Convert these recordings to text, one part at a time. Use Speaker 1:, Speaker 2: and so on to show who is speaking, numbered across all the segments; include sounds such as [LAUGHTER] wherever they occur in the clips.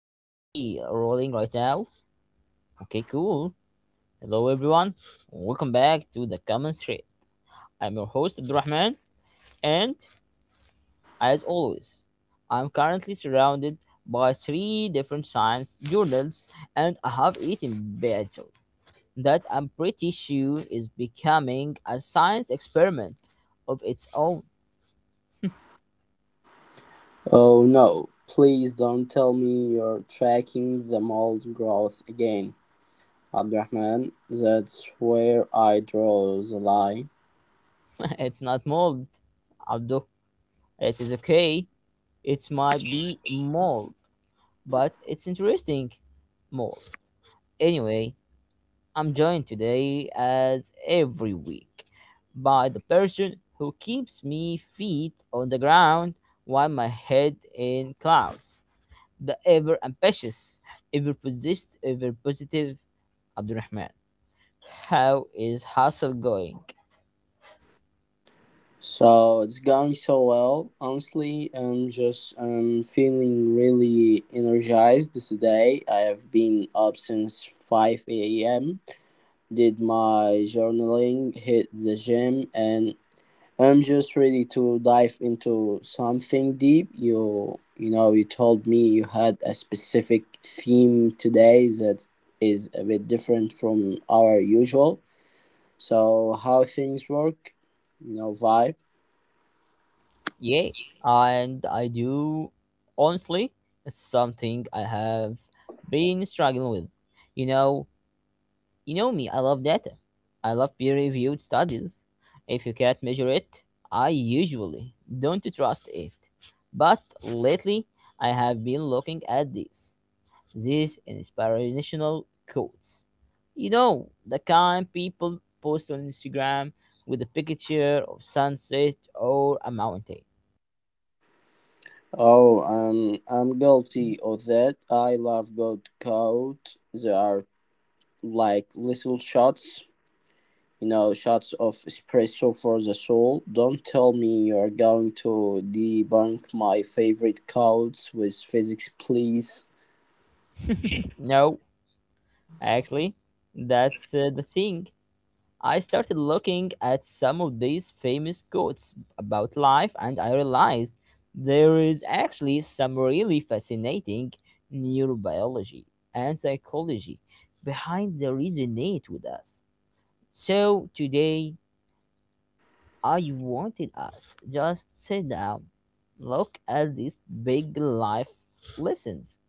Speaker 1: are we rolling right now? Okay, cool. Hello, everyone. Welcome back to the Common Thread. I'm your host, Abdurrahman, and as always, I'm currently surrounded by three different science journals, and I have eaten bagel that I'm pretty sure is becoming a science experiment of its own.
Speaker 2: Oh no, please don't tell me you're tracking the mold growth again, Abdurrahman. That's where I draw the line.
Speaker 1: [LAUGHS] It's not mold, Abdul. It is okay. It might be mold but it's interesting more. Anyway, I'm joined today, as every week, by the person who keeps me feet on the ground while my head in clouds. The ever ambitious, ever positive Abdurrahman. How is hustle going?
Speaker 2: So it's going so well, honestly. I'm just feeling really energized today. I have been up since 5 a.m., did my journaling, hit the gym, and I'm just ready to dive into something deep. You know, you told me you had a specific theme today that is a bit different from our usual. So how things work, vibe.
Speaker 1: Yeah, and I do honestly, it's something I have been struggling with. You know, You know me, I love data. I love peer reviewed studies. If you can't measure it, I usually don't trust it. But lately, I have been looking at these inspirational quotes. You know, the kind people post on Instagram with a picture of sunset or a mountain.
Speaker 2: Oh, I'm guilty of that. I love good code. They are like little shots of espresso for the soul. Don't tell me you're going to debunk my favorite codes with physics, please.
Speaker 1: No, actually, that's the thing. I started looking at some of these famous quotes about life and I realized there is actually some really fascinating neurobiology and psychology behind the resonate with us. So today I wanted us just sit down, look at these big life lessons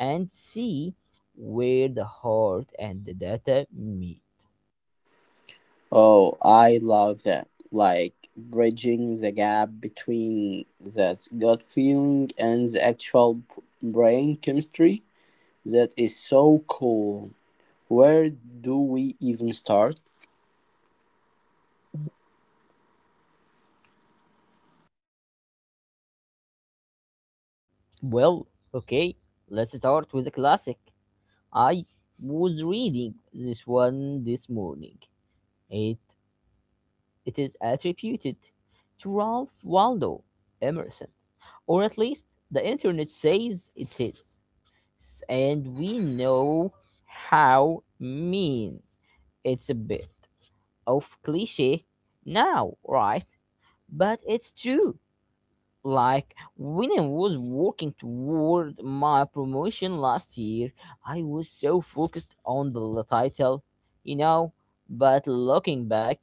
Speaker 1: and see where the heart and the data meet.
Speaker 2: Oh, I love that. Like bridging the gap between that gut feeling and the actual brain chemistry. That is so cool. Where do we even start?
Speaker 1: Well, okay, let's start with a classic. I was reading this one this morning. It it is attributed to Ralph Waldo Emerson, or at least the internet says it is. And we know how mean it's a bit of cliche now, right? But it's true. Like when I was working toward my promotion last year, I was so focused on the title, you know. But looking back,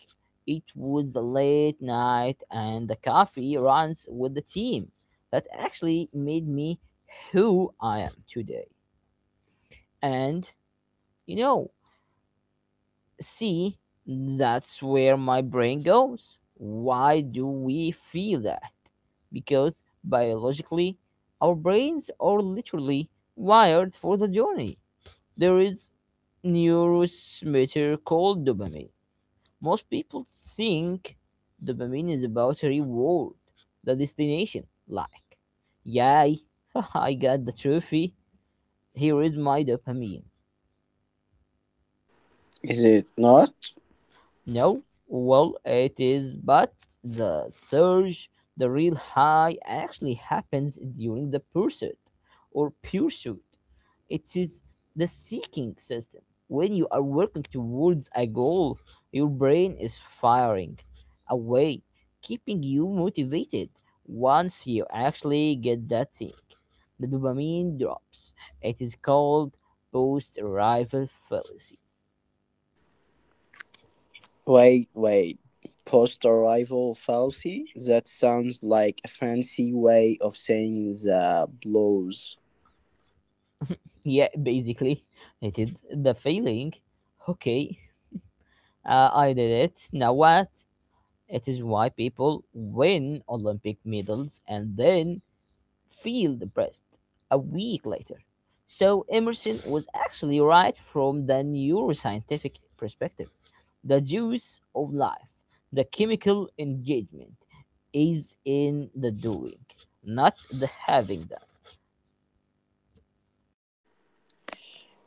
Speaker 1: it was the late night and the coffee runs with the team that actually made me who I am today. And you know, see, that's where my brain goes. Why do we feel that? Because biologically, our brains are literally wired for the journey. There is neurotransmitter called dopamine. Most people think dopamine is about a reward, the destination. Like, yay, [LAUGHS] I got the trophy. Here is my dopamine.
Speaker 2: Is it not?
Speaker 1: No, well, it is, but the surge, the real high, actually happens during the pursuit or pursuit. It is the seeking system. When you are working towards a goal, your brain is firing away, keeping you motivated. Once you actually get that thing, the dopamine drops. It is called post arrival fallacy.
Speaker 2: Wait, wait. Post arrival fallacy? That sounds like a fancy way of saying the blows.
Speaker 1: Yeah, basically it is the feeling. Okay, I did it, now what? It is why people win olympic medals and then feel depressed a week later. So Emerson was actually right. From the neuroscientific perspective, the juice of life, the chemical engagement, is in the doing, not the having done.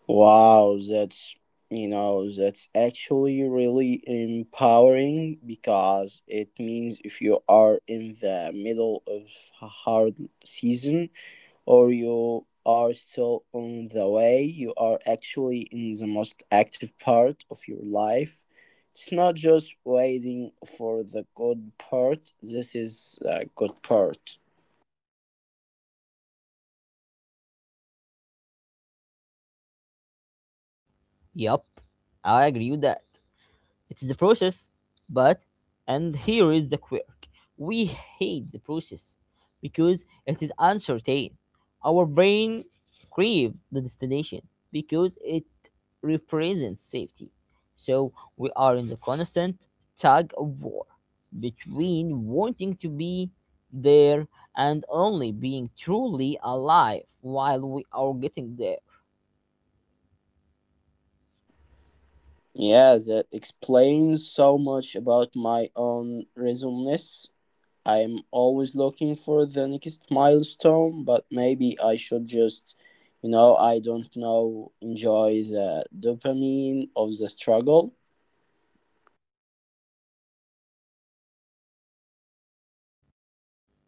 Speaker 2: Wow, that's actually really empowering because it means if you are in the middle of a hard season, or you are still on the way, you are actually in the most active part of your life. It's not just waiting for the good part, this is a good part.
Speaker 1: Yup, I agree with that. It is a process, but and here is the quirk. We hate the process because it is uncertain. Our brain craves the destination because it represents safety. So we are in the constant tug of war between wanting to be there and only being truly alive while we are getting there.
Speaker 2: Yeah, that explains so much about my own reasonness. I'm always looking for the next milestone, but maybe I should just, I don't know, enjoy the dopamine of the struggle.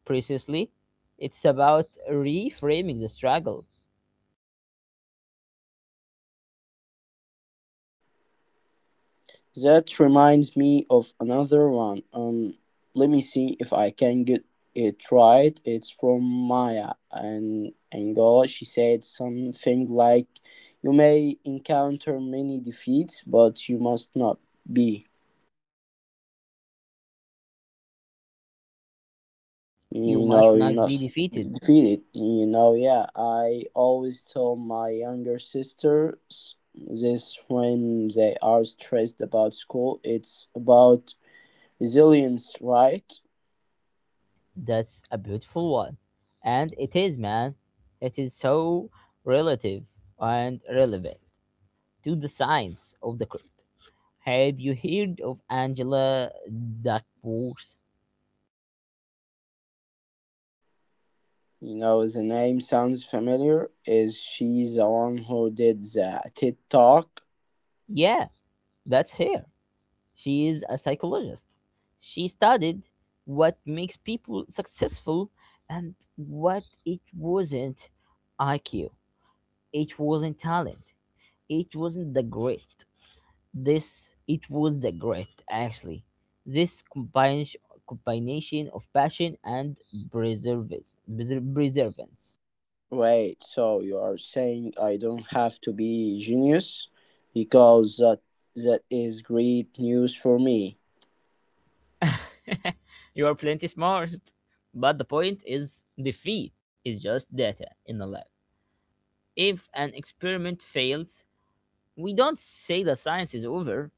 Speaker 1: Precisely, it's about reframing the struggle.
Speaker 2: That reminds me of another one. Let me see if I can get it right. It's from Maya and Angola. She said something like, "You may encounter many defeats, but you must not be.
Speaker 1: You
Speaker 2: You
Speaker 1: must
Speaker 2: know, you
Speaker 1: not be
Speaker 2: must be
Speaker 1: defeated.
Speaker 2: defeated." You know, yeah. I always tell my younger sisters this when they are stressed about school. It's about resilience, right?
Speaker 1: That's a beautiful one. And it is, man. It is so relative and relevant to the science of the crypt. Have you heard of Angela Duckworth?
Speaker 2: You know, the name sounds familiar. Is she the one who did the TED Talk?
Speaker 1: Yeah, that's her. She is a psychologist. She studied what makes people successful and what it wasn't IQ. It wasn't talent. It wasn't the grit. This it was the grit actually. This combination of passion and preservance. Preservance.
Speaker 2: Wait, so you are saying I don't have to be genius? Because that is great news for me.
Speaker 1: [LAUGHS] You are plenty smart. But the point is, defeat is just data in the lab. If an experiment fails, we don't say the science is over,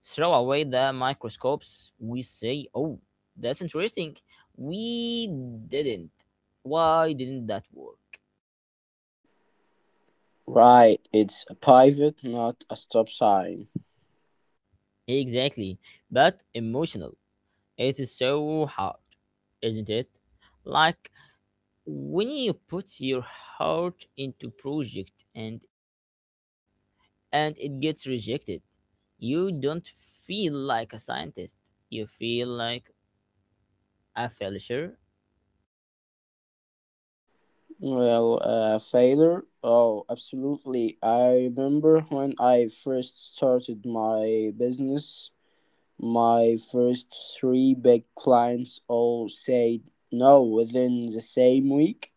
Speaker 1: throw away the microscopes, we say, oh, that's interesting. We didn't. Why didn't that work?
Speaker 2: Right, it's a pivot, not a stop sign.
Speaker 1: Exactly, but emotional. It is so hard, isn't it? Like when you put your heart into project and it gets rejected, you don't feel like a scientist. You feel like a failure,
Speaker 2: Well, failure? Oh, absolutely. I remember when I first started my business, my first three big clients all said no within the same week.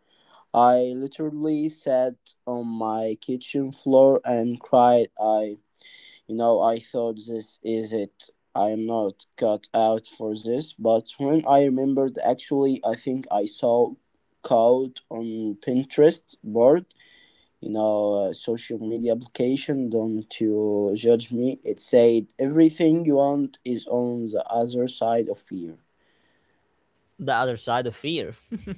Speaker 2: I literally sat on my kitchen floor and cried. I thought this is it. I'm not cut out for this. But when I remembered, actually, I think I saw code on Pinterest board, social media application. Don't you judge me. It said everything you want is on the other side of fear.
Speaker 1: the other side of fear.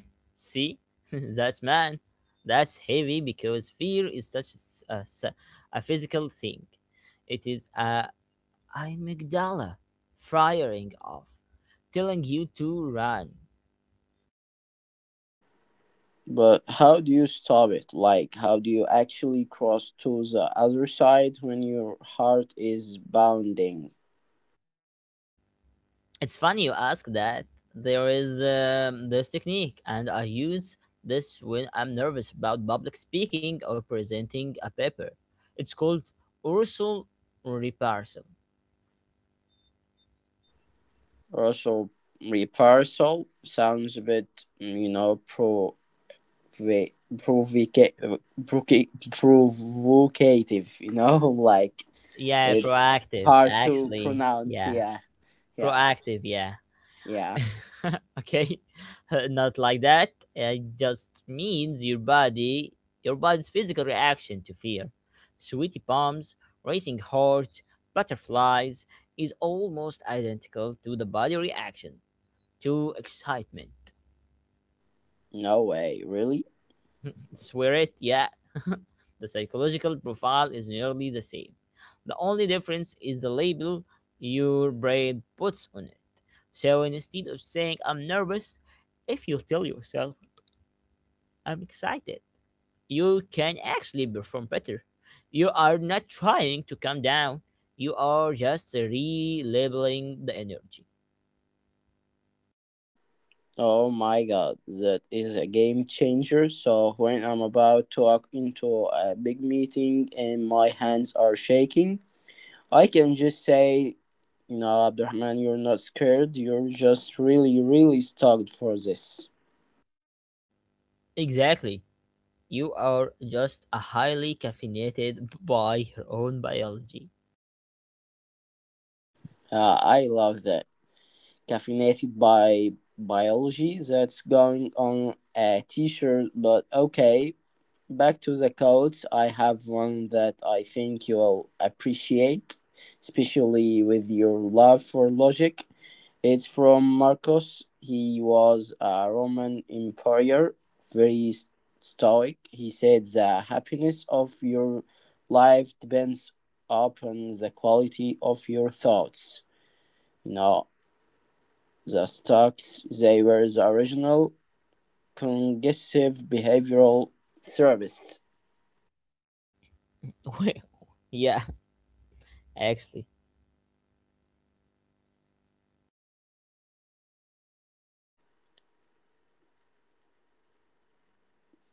Speaker 1: [LAUGHS] See, [LAUGHS] that's man, that's heavy because fear is such a, a physical thing. It is a, I'm amygdala firing off, telling you to run.
Speaker 2: But how do you stop it? Like, how do you actually cross to the other side when your heart is bounding?
Speaker 1: It's funny you ask that. There is this technique, and I use this when I'm nervous about public speaking or presenting a paper. It's called Ursal Reparsal.
Speaker 2: Also, reversal sounds a bit, provoca- provoca- provocative, [LAUGHS] like
Speaker 1: Yeah,
Speaker 2: it's
Speaker 1: proactive,
Speaker 2: hard to
Speaker 1: actually.
Speaker 2: pronounce.
Speaker 1: Yeah,
Speaker 2: Yeah, yeah,
Speaker 1: proactive, yeah.
Speaker 2: yeah.
Speaker 1: [LAUGHS] Okay, [LAUGHS] not like that, it just means your body's physical reaction to fear, sweaty palms, racing heart, butterflies, is almost identical to the body reaction to excitement.
Speaker 2: No way, really?
Speaker 1: [LAUGHS] Swear it, yeah. [LAUGHS] The psychological profile is nearly the same, the only difference is the label your brain puts on it. So instead of saying I'm nervous, if you tell yourself I'm excited, you can actually perform better. You are not trying to calm down. You are just relabeling the energy.
Speaker 2: Oh my god, that is a game changer. So when I'm about to walk into a big meeting and my hands are shaking, I can just say, Abdurrahman, you're not scared. You're just really, really stoked for this.
Speaker 1: Exactly. You are just a highly caffeinated by your own biology.
Speaker 2: I love that. Caffeinated by biology, that's going on a t-shirt. But okay, back to the coats. I have one that I think you'll appreciate, especially with your love for logic. It's from Marcus. He was a Roman emperor, very stoic. He said the happiness of your life depends upon the quality of your thoughts. You know, the Stocks, they were the original cognitive behavioral therapists.
Speaker 1: [LAUGHS] Well, yeah, actually.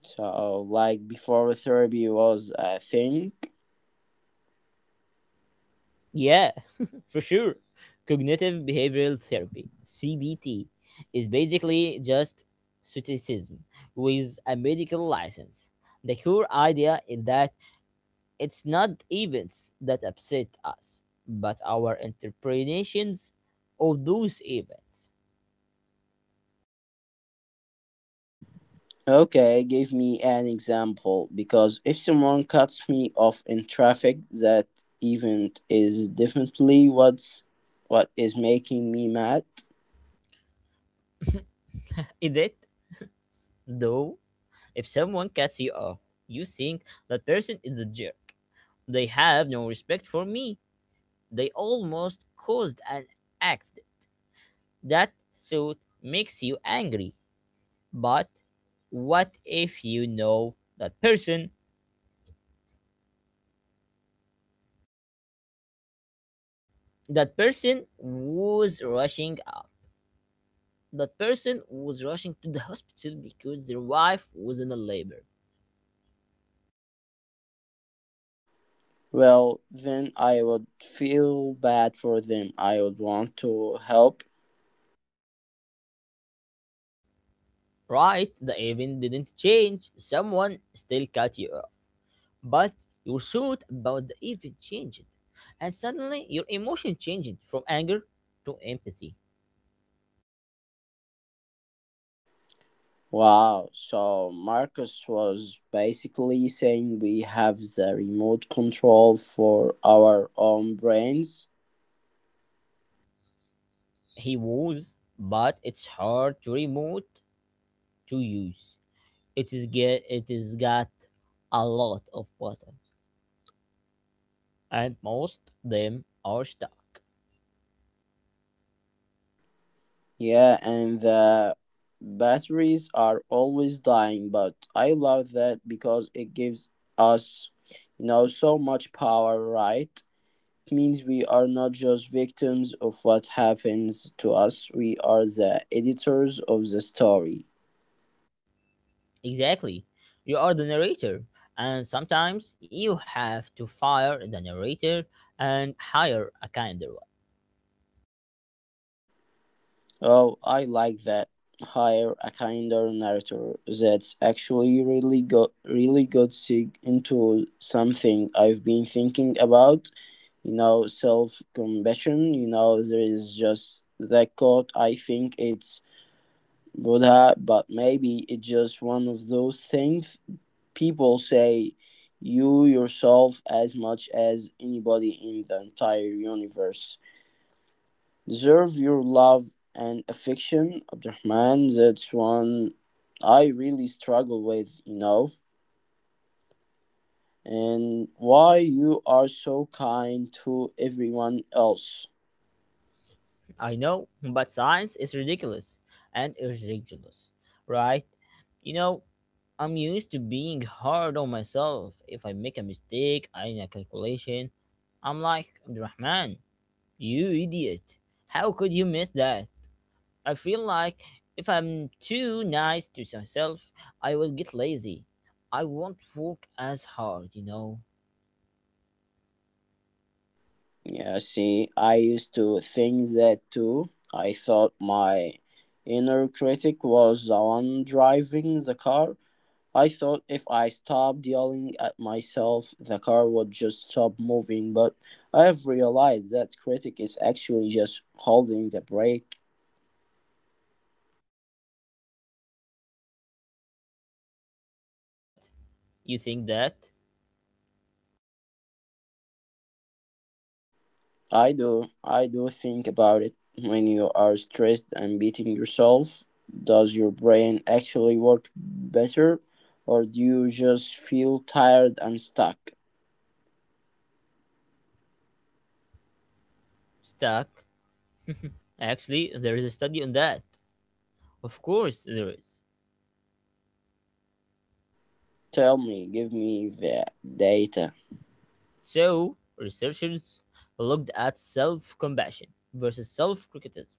Speaker 2: So like before therapy was a thing.
Speaker 1: Yeah, [LAUGHS] for sure. Cognitive behavioral therapy, CBT, is basically just stoicism with a medical license. The core idea is that it's not events that upset us, but our interpretations of those events.
Speaker 2: Okay, give me an example, because if someone cuts me off in traffic, that event is definitely what is making me mad.
Speaker 1: Is it, though? If someone cuts you off, you think that person is a jerk. They have no respect for me. They almost caused an accident. That thought makes you angry. But what if you know that person? That person was rushing up That person was rushing to the [LAUGHS] hospital because their wife was in a labor.
Speaker 2: Well, then I would feel bad for them. I would want to help.
Speaker 1: Right, the event didn't change. Someone still cut you off. But your thought about the event changed. And suddenly your emotion changed from anger to empathy.
Speaker 2: Wow, so Marcus was basically saying we have the remote control for our own brains.
Speaker 1: He was, but it's hard to remote to use. It is got a lot of buttons. And most them are stuck.
Speaker 2: Yeah, and the batteries are always dying, but I love that because it gives us, so much power, right? It means we are not just victims of what happens to us, we are the editors of the story.
Speaker 1: Exactly. You are the narrator, and sometimes you have to fire the narrator and hire a kinder one.
Speaker 2: Oh, I like that. Hire a kinder narrator. That's actually really got sig into something I've been thinking about. You know, self compassion. You know, there is just that quote. I think it's Buddha, but maybe it's just one of those things people say. You yourself as much as anybody in the entire universe deserve your love and affection, Abdurrahman. That's one I really struggle with, and why you are so kind to everyone else.
Speaker 1: I know, but science is ridiculous and is ridiculous, right? You know, I'm used to being hard on myself. If I make a mistake in a calculation, I'm like, Rahman, you idiot. How could you miss that? I feel like if I'm too nice to myself, I will get lazy. I won't work as hard, you know.
Speaker 2: Yeah, see, I used to think that too. I thought my inner critic was the one driving the car. I thought if I stopped yelling at myself, the car would just stop moving, but I have realized that critic is actually just holding the brake.
Speaker 1: That you think that
Speaker 2: I do think about it when you are stressed and beating yourself. Does your brain actually work better, or do you just feel tired and stuck?
Speaker 1: stuck? Actually, there is a study on that. Of course, there is.
Speaker 2: Tell me, give me the data.
Speaker 1: So researchers looked at self-compassion versus self-criticism.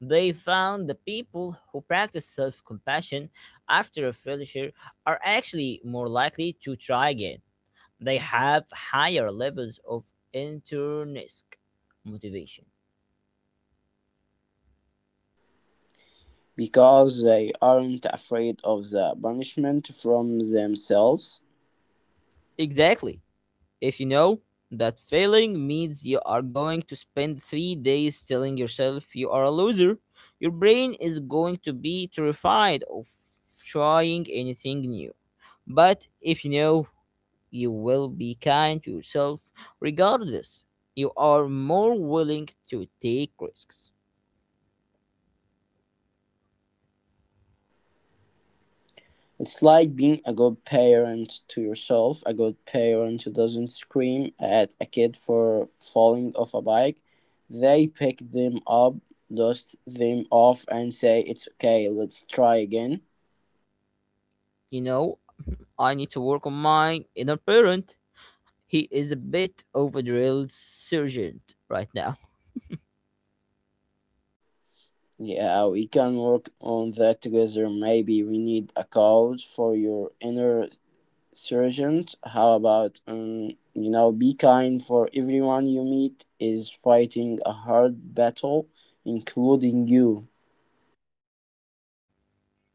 Speaker 1: They found the people who practice self-compassion after a failure are actually more likely to try again, they have higher levels of intrinsic motivation.
Speaker 2: Because they aren't afraid of the punishment from themselves.
Speaker 1: Exactly. If you know that failing means you are going to spend three days telling yourself you are a loser, your brain is going to be terrified of trying anything new. But if you know you will be kind to yourself regardless, you are more willing to take risks.
Speaker 2: It's like being a good parent to yourself. A good parent who doesn't scream at a kid for falling off a bike. They pick them up, dust them off, and say, "It's okay, let's try again."
Speaker 1: You know, I need to work on my inner parent. He is a bit of a drill sergeant right now.
Speaker 2: Yeah, we can work on that together. Maybe we need a coach for your inner surgeon. How about, be kind for everyone you meet is fighting a hard battle, including you.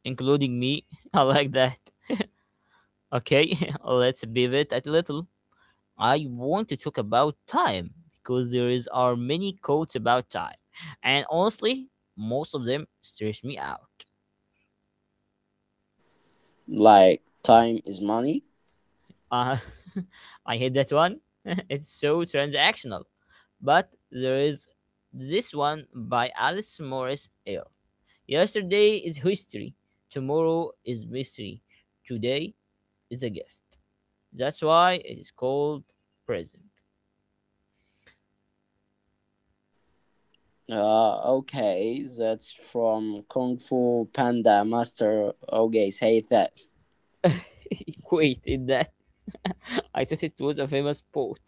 Speaker 1: Including me. [LAUGHS] I like that. Okay, [LAUGHS] let's pivot a little. I want to talk about time because there is are many quotes about time, and honestly, most of them stress me out.
Speaker 2: Like time is money.
Speaker 1: Uh, [LAUGHS] I hate that one. [LAUGHS] It's so transactional. But there is this one by Alice Morris Eyre. Yesterday is history, tomorrow is mystery, today is a gift. That's why it is called present.
Speaker 2: Okay, that's from Kung Fu Panda master. Okay, say that.
Speaker 1: [LAUGHS] Wait, in that [LAUGHS] I thought it was a famous poet.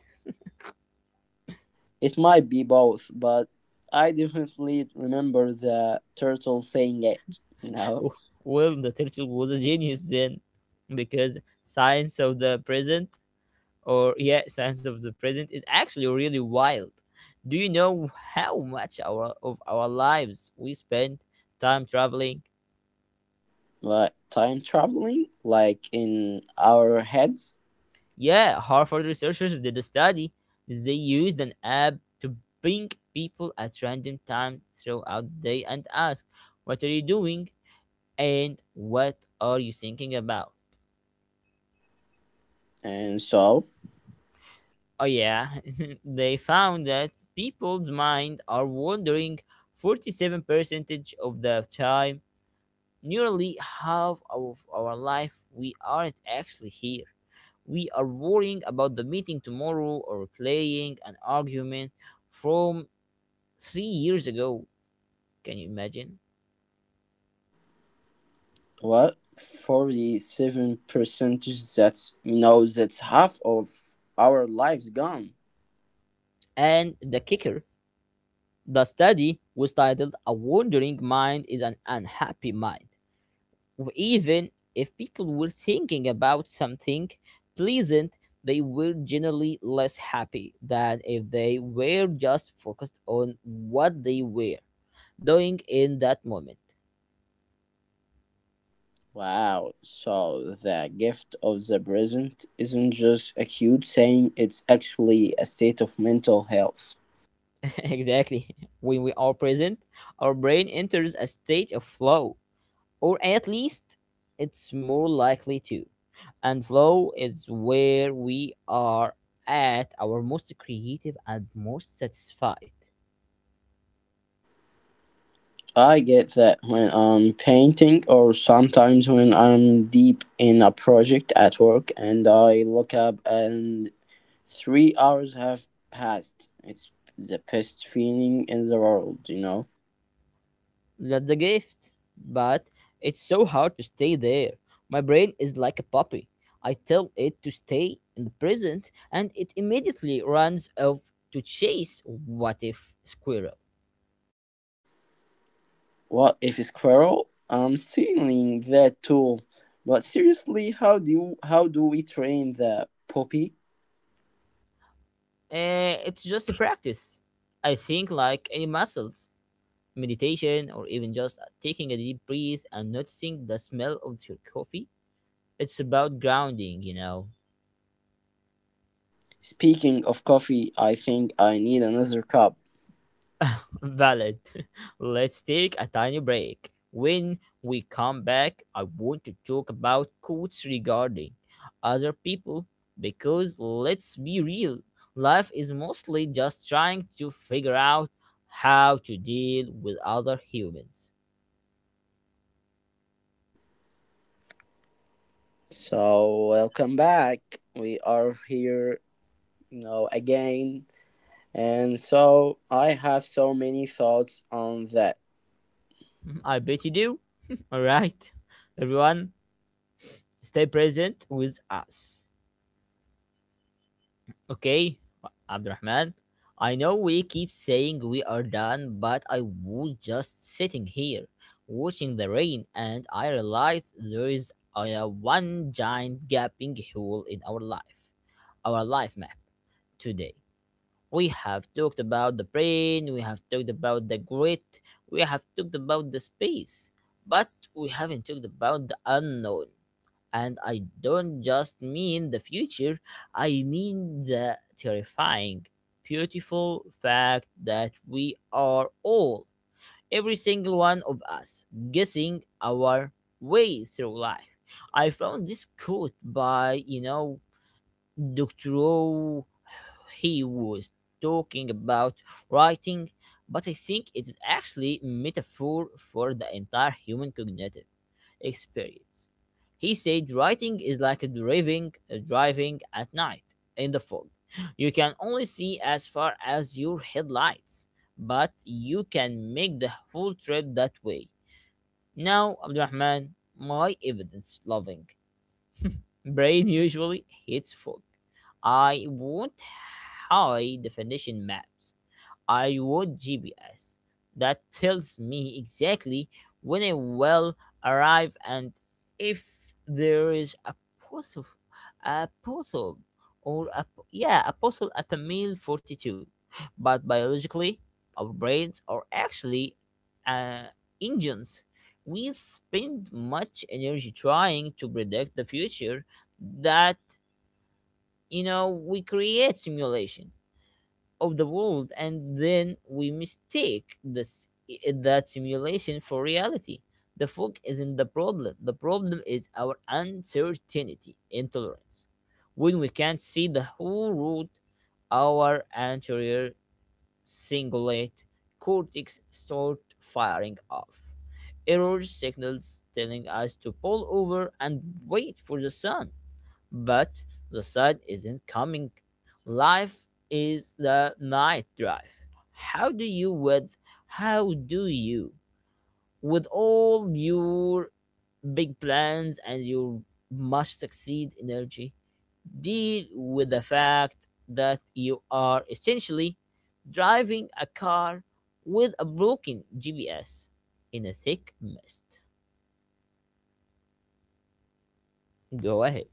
Speaker 2: It might be both, but I definitely remember the turtle saying it. No, know.
Speaker 1: [LAUGHS] Well, the turtle was a genius then, because science of the present, or yeah, science of the present is actually really wild. Do you know how much our of our lives we spend time traveling?
Speaker 2: Like time traveling, like in our heads.
Speaker 1: Yeah, Harvard researchers did a study. They used an app to ping people at random times throughout the day and ask, what are you doing? And what are you thinking about?
Speaker 2: And so
Speaker 1: Oh, yeah, [LAUGHS] they found that people's mind are wandering 47 percentage of the time. Nearly half of our life, we aren't actually here. We are worrying about the meeting tomorrow or playing an argument from three years ago, can you imagine?
Speaker 2: what? 47 percentage, that's you know that's half of our lives gone.
Speaker 1: And the kicker, the study was titled A Wandering Mind is an Unhappy Mind. Even if people were thinking about something pleasant, they were generally less happy than if they were just focused on what they were doing in that moment.
Speaker 2: Wow, so the gift of the present isn't just a cute saying, it's actually a state of mental health.
Speaker 1: [LAUGHS] Exactly. When we are present, our brain enters a state of flow, or at least it's more likely to. And flow is where we are at our most creative and most satisfied.
Speaker 2: I get that when I'm painting, or sometimes when I'm deep in a project at work and I look up and 3 hours have passed. It's the best feeling in the world, you know?
Speaker 1: That's a gift, but it's so hard to stay there. My brain is like a puppy. I tell it to stay in the present, and it immediately runs off to chase what if squirrel.
Speaker 2: What if a squirrel? I'm stealing that tool. But seriously, how do we train the puppy?
Speaker 1: Eh, it's just a practice. I think like any muscles. Meditation or even just taking a deep breath and noticing the smell of your coffee. It's about grounding, you know.
Speaker 2: Speaking of coffee, I think I need another cup.
Speaker 1: [LAUGHS] Valid. [LAUGHS] Let's take a tiny break. When we come back, I want to talk about quotes regarding other people, because let's be real, life is mostly just trying to figure out how to deal with other humans.
Speaker 2: So, welcome back. We are here, again. And so, I have so many thoughts on that.
Speaker 1: [LAUGHS] I bet you do. [LAUGHS] All right, everyone, stay present with us. Okay, Abdurrahman? I know we keep saying we are done, but I was just sitting here watching the rain and I realized there is a one giant gaping hole in our life map today. We have talked about the brain, we have talked about the grit, we have talked about the space, but we haven't talked about the unknown. And I don't just mean the future, I mean the terrifying, beautiful fact that we are all, every single one of us, guessing our way through life. I found this quote by, Dr. O. He was talking about writing, but I think it is actually metaphor for the entire human cognitive experience. He said writing is like driving, driving at night in the fog. You can only see as far as your headlights, but you can make the whole trip that way. Now, Abdurrahman, my evidence loving brain usually hits fog. I want high definition maps, I want GPS that tells me exactly when I will arrive and if there is postal, a postal, or a yeah, a postal at the meal 42. But biologically, our brains are actually uh, engines. We spend much energy trying to predict the future that, we create simulation of the world and then we mistake this that simulation for reality. The fog isn't the problem, the problem is our uncertainty intolerance. When we can't see the whole route, our anterior cingulate cortex start firing off error signals telling us to pull over and wait for the sun, but the sun isn't coming. Life is the night drive. How do you with how do you with all your big plans and your must succeed energy deal with the fact that you are essentially driving a car with a broken GPS in a thick mist. Go ahead.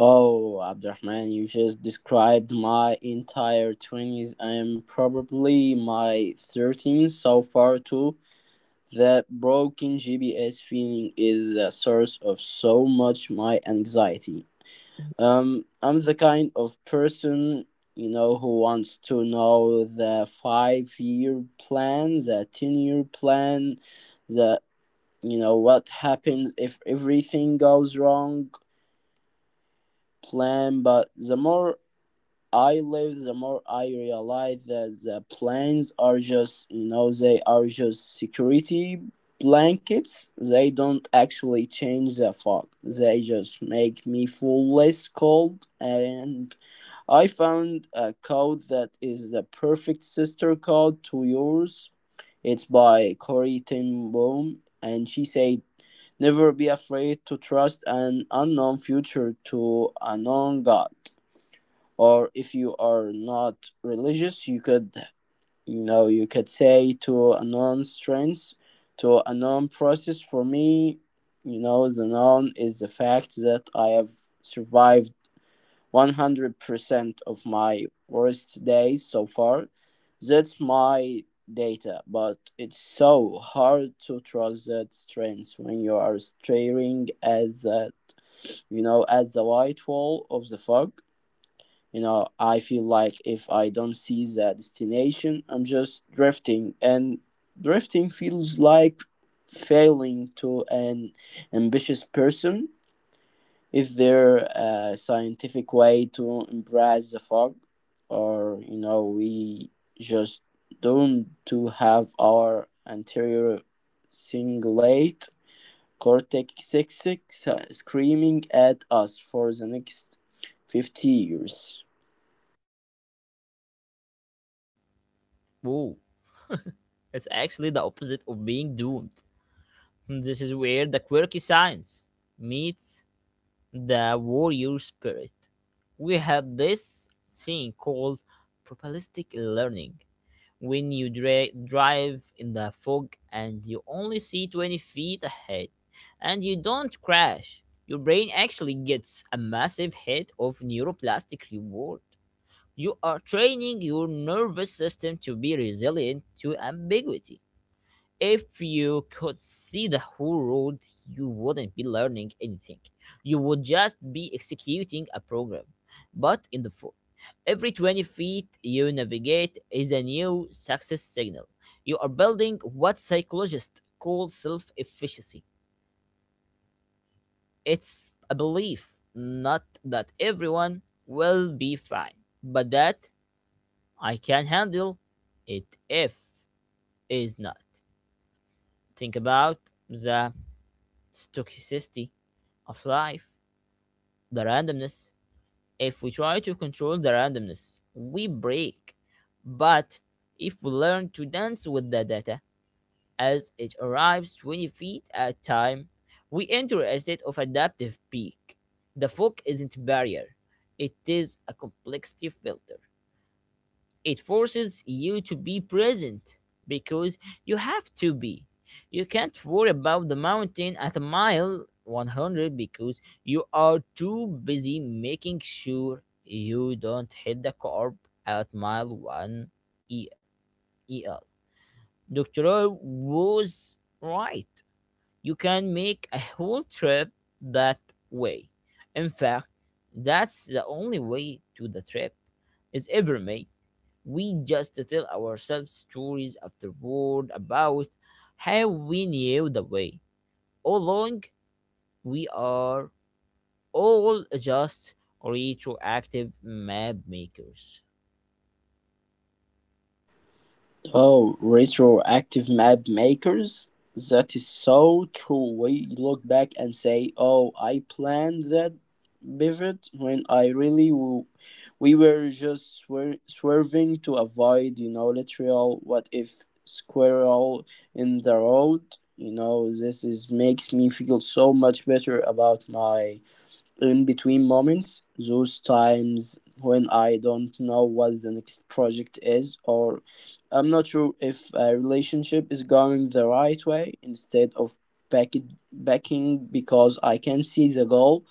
Speaker 2: Oh, Abdurrahman, you just described my entire 20s and probably my 13s so far, too. That broken GPS feeling is a source of so much my anxiety. I'm the kind of person, who wants to know the 5 year plan, the 10-year plan, the, what happens if everything goes wrong plan. But the more I live, the more I realize that the plans are just, they are just security blankets. They don't actually change the fog. They just make me feel less cold. And I found a code that is the perfect sister code to yours. It's by Corey Ten Boom, and she said, "Never be afraid to trust an unknown future to a known God." Or if you are not religious, you could say to a known strength, to a known process. For me, the known is the fact that I have survived 100% of my worst days so far. That's my data, but it's so hard to trust that strength when you are staring at that, at the white wall of the fog. You know, I feel like if I don't see the destination, I'm just drifting, and drifting feels like failing to an ambitious person. Is there a scientific way to embrace the fog, or we just don't to have our anterior cingulate cortex six screaming at us for the next 50 years?
Speaker 1: Whoa, it's actually the opposite of being doomed. This is where the quirky science meets the warrior spirit. We have this thing called probabilistic learning. When you drive in the fog and you only see 20 feet ahead and you don't crash, your brain actually gets a massive hit of neuroplastic reward. You are training your nervous system to be resilient to ambiguity. If you could see the whole road, you wouldn't be learning anything. You would just be executing a program. But in the phone, every 20 feet you navigate is a new success signal. You are building what psychologists call self efficacy. It's a belief, not that everyone will be fine, but that I can handle it if is not. Think about the stochasticity of life, the randomness. If we try to control the randomness, we break. But if we learn to dance with the data as it arrives 20 feet at a time, we enter a state of adaptive peak. The fog isn't a barrier, it is a complexity filter. It forces you to be present because you have to be. You can't worry about the mountain at mile 100 because you are too busy making sure you don't hit the curb at mile 1 E- EL. Dr. Roy was right. You can make a whole trip that way. In fact, that's the only way to the trip is ever made. We just tell ourselves stories afterward about how we knew the way. All along, we are all just retroactive map makers.
Speaker 2: Oh, retroactive map makers? That is so true. We look back and say, oh, I planned that pivot when I really we were just swerving to avoid, literal what if squirrel in the road. You know, this is makes me feel so much better about my in between moments, those times when I don't know what the next project is, or I'm not sure if a relationship is going the right way, instead of back backing because I can see the goal,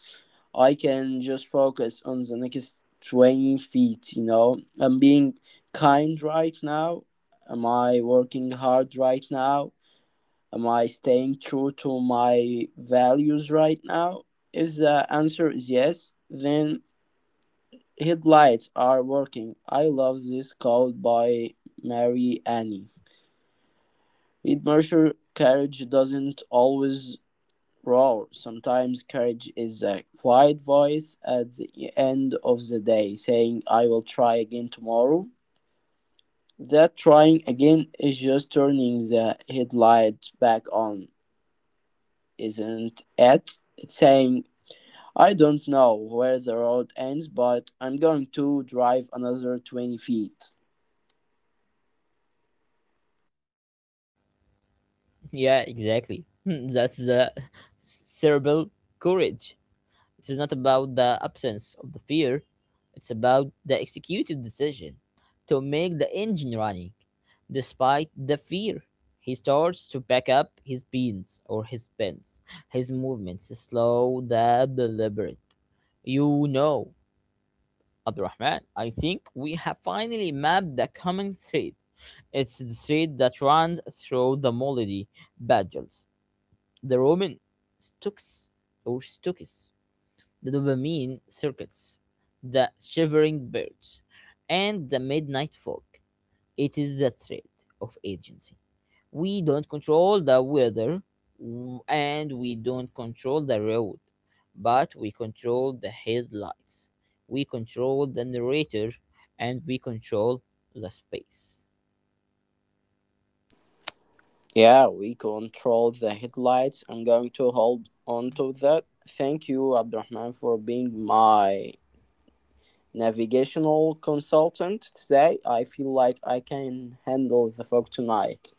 Speaker 2: I can just focus on the next 20 feet. You know, I'm being kind right now. Am I working hard right now? Am I staying true to my values right now? If the answer is yes, then headlights are working. I love this quote by Mary Annie. With Mercer, courage doesn't always roar. Sometimes courage is a quiet voice at the end of the day saying, "I will try again tomorrow." That trying again is just turning the headlight back on, isn't it? It's saying I don't know where the road ends, but I'm going to drive another 20 feet.
Speaker 1: Yeah, exactly. [LAUGHS] That's the cerebral courage. It is not about the absence of the fear, it's about the executed decision to make the engine running. Despite the fear, he starts to pack up his beans or his pins. His movements slow the deliberate. You know, Abdurrahman, I think we have finally mapped the common thread. It's the thread that runs through the Molody battles, the Roman Stux or Stucus, the dopamine circuits, the shivering birds, and the midnight fog. It is the threat of agency. We don't control the weather and we don't control the road, but we control the headlights, we control the narrator, and we control the space.
Speaker 2: Yeah, we control the headlights. I'm going to hold on to that. Thank you, Abdurrahman, for being my navigational consultant today. I feel like I can handle the fog tonight.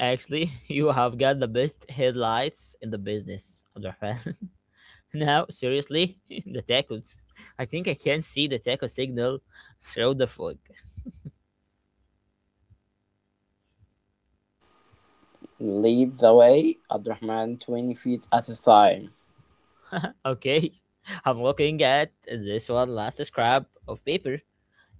Speaker 1: Actually, [LAUGHS] you have got the best headlights in the business, Abdurrahman. [LAUGHS] Now, seriously, [LAUGHS] the tacos. I think I can see the taco signal through the fog.
Speaker 2: Lead the way, Abdurrahman, 20 feet at a time.
Speaker 1: Okay, [LAUGHS] I'm looking at this one last scrap of paper.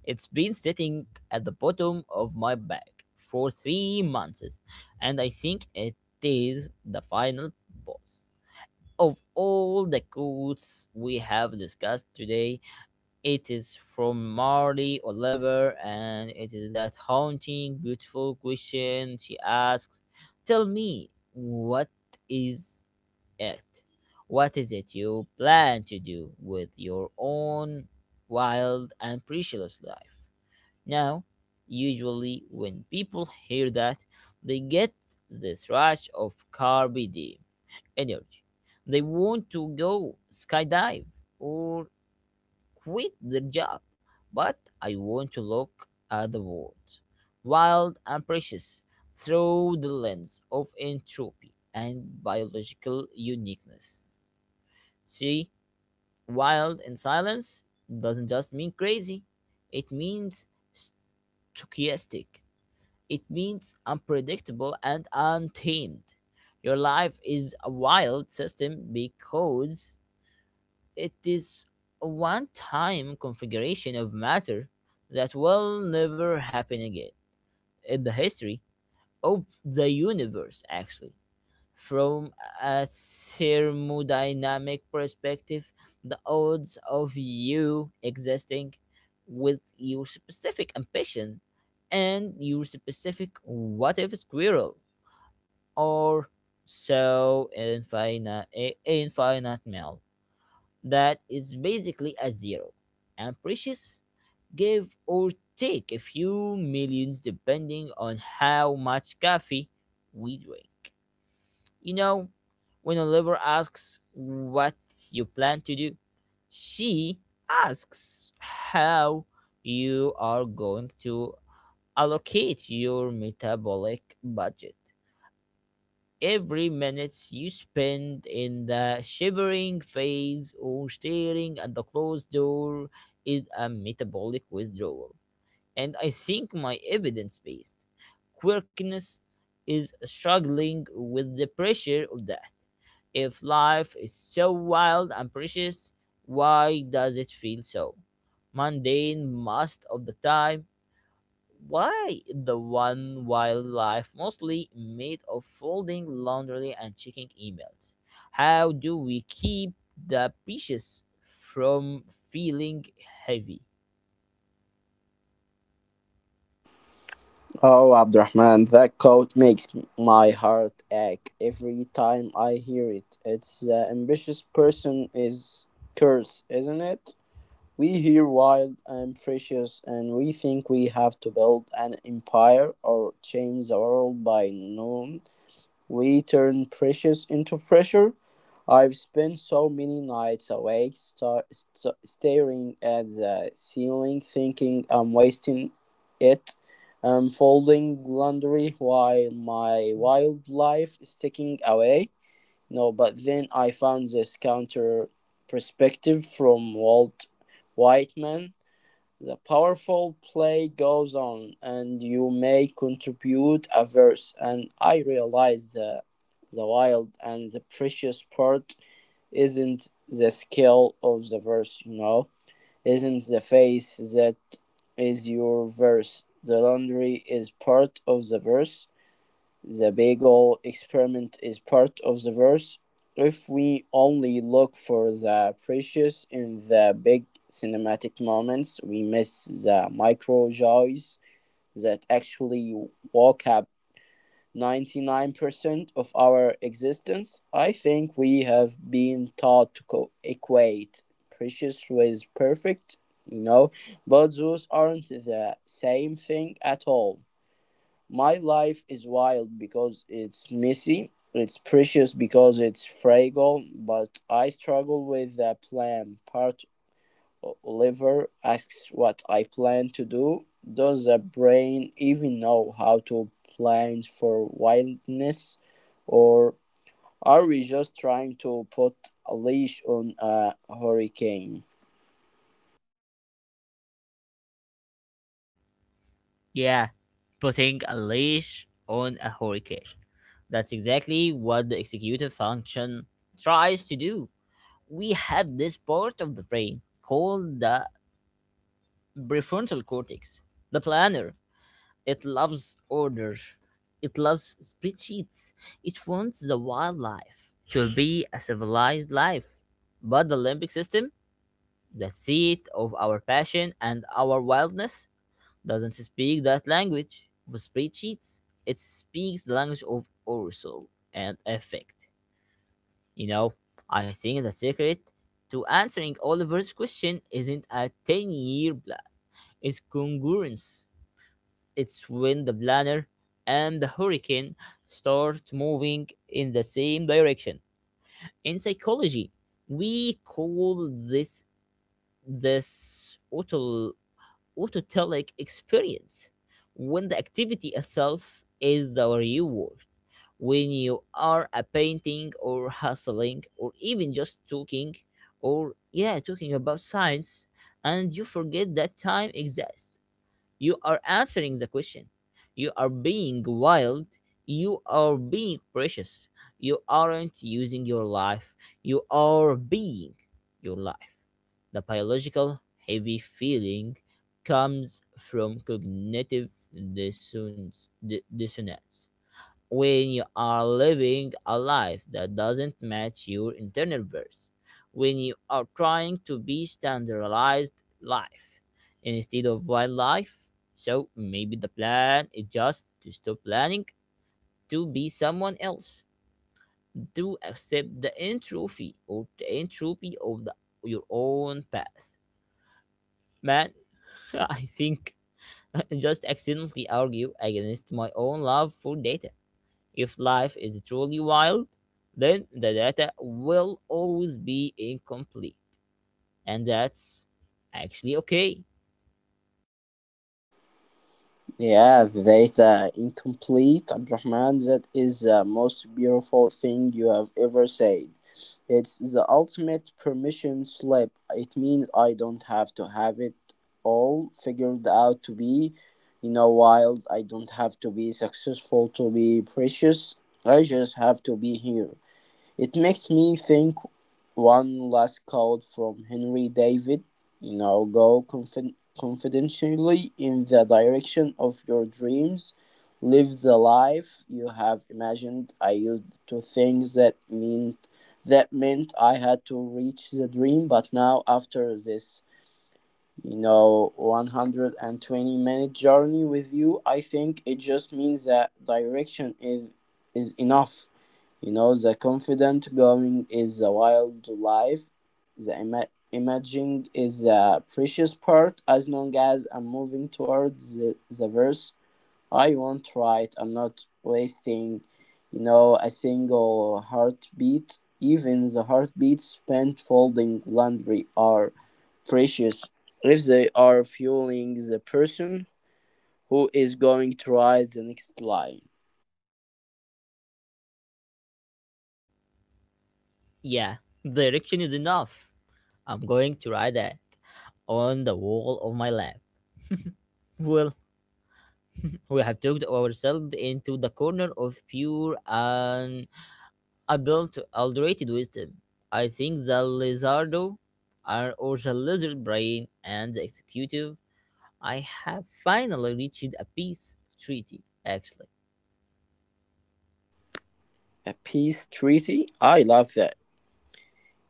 Speaker 1: It's been sitting at the bottom of my bag for 3 months, and I think it is the final boss of all the codes we have discussed today. It is from Marty Oliver, and it is that haunting, beautiful question she asks: tell me, what is it? What is it you plan to do with your own wild and precious life? Now, usually when people hear that, they get this rush of carb energy. They want to go skydive or quit their job, but I want to look at the world, wild and precious, through the lens of entropy and biological uniqueness. See, wild in silence doesn't just mean crazy, it means stochastic, it means unpredictable and untamed. Your life is a wild system because it is a one time configuration of matter that will never happen again in the history of the universe, actually. From a thermodynamic perspective, the odds of you existing with your specific ambition and your specific what if squirrel or so infinite, infinite male, that is basically a zero, and precious give or take a few millions depending on how much coffee we drink. You know, when Oliver asks what you plan to do, she asks how you are going to allocate your metabolic budget. Every minute you spend in the shivering phase or staring at the closed door is a metabolic withdrawal. And I think my evidence based quirkiness is struggling with the pressure of that. If life is so wild and precious, why does it feel so mundane most of the time? Why the one wildlife mostly made of folding laundry and checking emails? How do we keep the fishes from feeling heavy?
Speaker 2: Oh, Abdurrahman, that quote makes my heart ache every time I hear it. It's the ambitious person is curse, isn't it? We hear wild and precious, and we think we have to build an empire or change the world by noon. We turn precious into pressure. I've spent so many nights awake, staring at the ceiling, thinking I'm wasting it. I'm folding laundry while my wildlife is ticking away. No, but then I found this counter perspective from Walt Whitman. The powerful play goes on, and you may contribute a verse, and I realize that the wild and the precious part isn't the scale of the verse, isn't the face that is your verse. The laundry is part of the verse, the bagel experiment is part of the verse if we only look for the precious in the big cinematic moments, we miss the micro joys that actually walk up 99% of our existence. I think we have been taught to equate precious with perfect, you know, but those aren't the same thing at all. My life is wild because it's messy, it's precious because it's fragile, but I struggle with the plan part. Oliver asks what I plan to do. Does the brain even know how to plan for wildness? Or are we just trying to put a leash on a hurricane?
Speaker 1: Yeah, putting a leash on a hurricane. That's exactly what the executive function tries to do. We have this part of the brain called the prefrontal cortex, the planner. It loves order. It loves spreadsheets. It wants the wildlife to be a civilized life. But the Olympic system, the seat of our passion and our wildness, doesn't speak that language of spreadsheets. It speaks the language of arousal and effect. You know, I think the secret to answering Oliver's question isn't a 10-year plan, it's congruence. It's when the planet and the hurricane start moving in the same direction. In psychology, we call this this auto, autotelic experience when the activity itself is the reward. When you are a painting or hustling or even just talking or yeah talking about science and you forget that time exists, you are answering the question. You are being wild. You are being precious. You aren't using your life. You are being your life. The biological heavy feeling comes from cognitive dissonance when you are living a life that doesn't match your internal worth, when you are trying to be standardized life instead of wildlife. So maybe the plan is just to stop planning to be someone else, to accept the entropy or the entropy of the, your own path. Man, [LAUGHS] I think I just accidentally argue against my own love for data. If life is truly wild, then the data will always be incomplete. And that's actually okay.
Speaker 2: Yeah, that incomplete, Abdurrahman, that is the most beautiful thing you have ever said. It's the ultimate permission slip. It means I don't have to have it all figured out to be, wild. I don't have to be successful to be precious. I just have to be here. It makes me think one last quote from Henry David, go confidentially in the direction of your dreams, live the life you have imagined. I used to think that meant I had to reach the dream, but now after this, 120 minute journey with you, I think it just means that direction is enough, the confident going is the wild life, the imaging is a precious part as long as I'm moving towards the verse I won't write. I'm not wasting, a single heartbeat. Even the heartbeats spent folding laundry are precious if they are fueling the person who is going to write the next line.
Speaker 1: Yeah, direction is enough. I'm going to write that on the wall of my lab. Well, [LAUGHS] we have talked ourselves into the corner of pure and adulterated wisdom. I think the lizardo are- or the lizard brain and the executive, I have finally reached a peace treaty, actually.
Speaker 2: A peace treaty? I love that.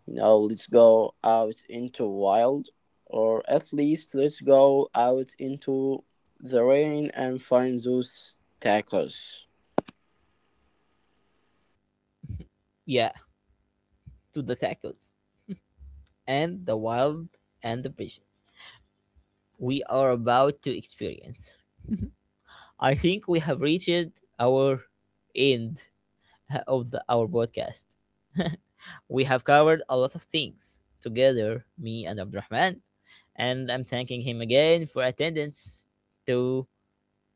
Speaker 2: You know, let's go out into wild, or at least let's go out into the rain and find those tacos.
Speaker 1: Yeah, to the tackles and the wild and the bridges we are about to experience. I think we have reached our end of our podcast. [LAUGHS] We have covered a lot of things together, me and Abdurrahman, and I'm thanking him again for attendance to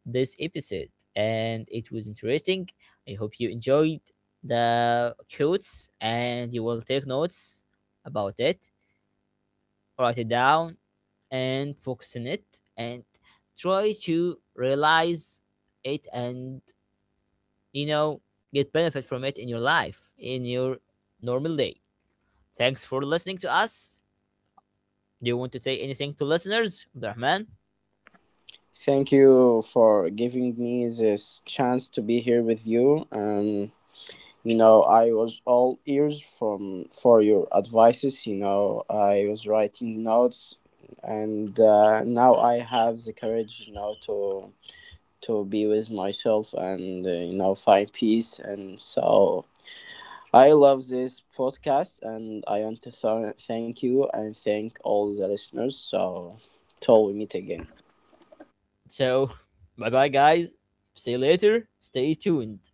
Speaker 1: this episode. And it was interesting. I hope you enjoyed the quotes and you will take notes about it, write it down, and focus on it and try to realize it and, you know, get benefit from it in your life in your normal day. Thanks for listening to us. Do you want to say anything to listeners, Abdurrahman?
Speaker 2: Thank you for giving me this chance to be here with you. You know, I was all ears from for your advices. You know, I was writing notes, and now I have the courage, you know, to be with myself and you know, find peace. And so I love this podcast, and I want to thank you and thank all the listeners. So till we meet again.
Speaker 1: So [LAUGHS] bye bye, guys, see you later. Stay tuned.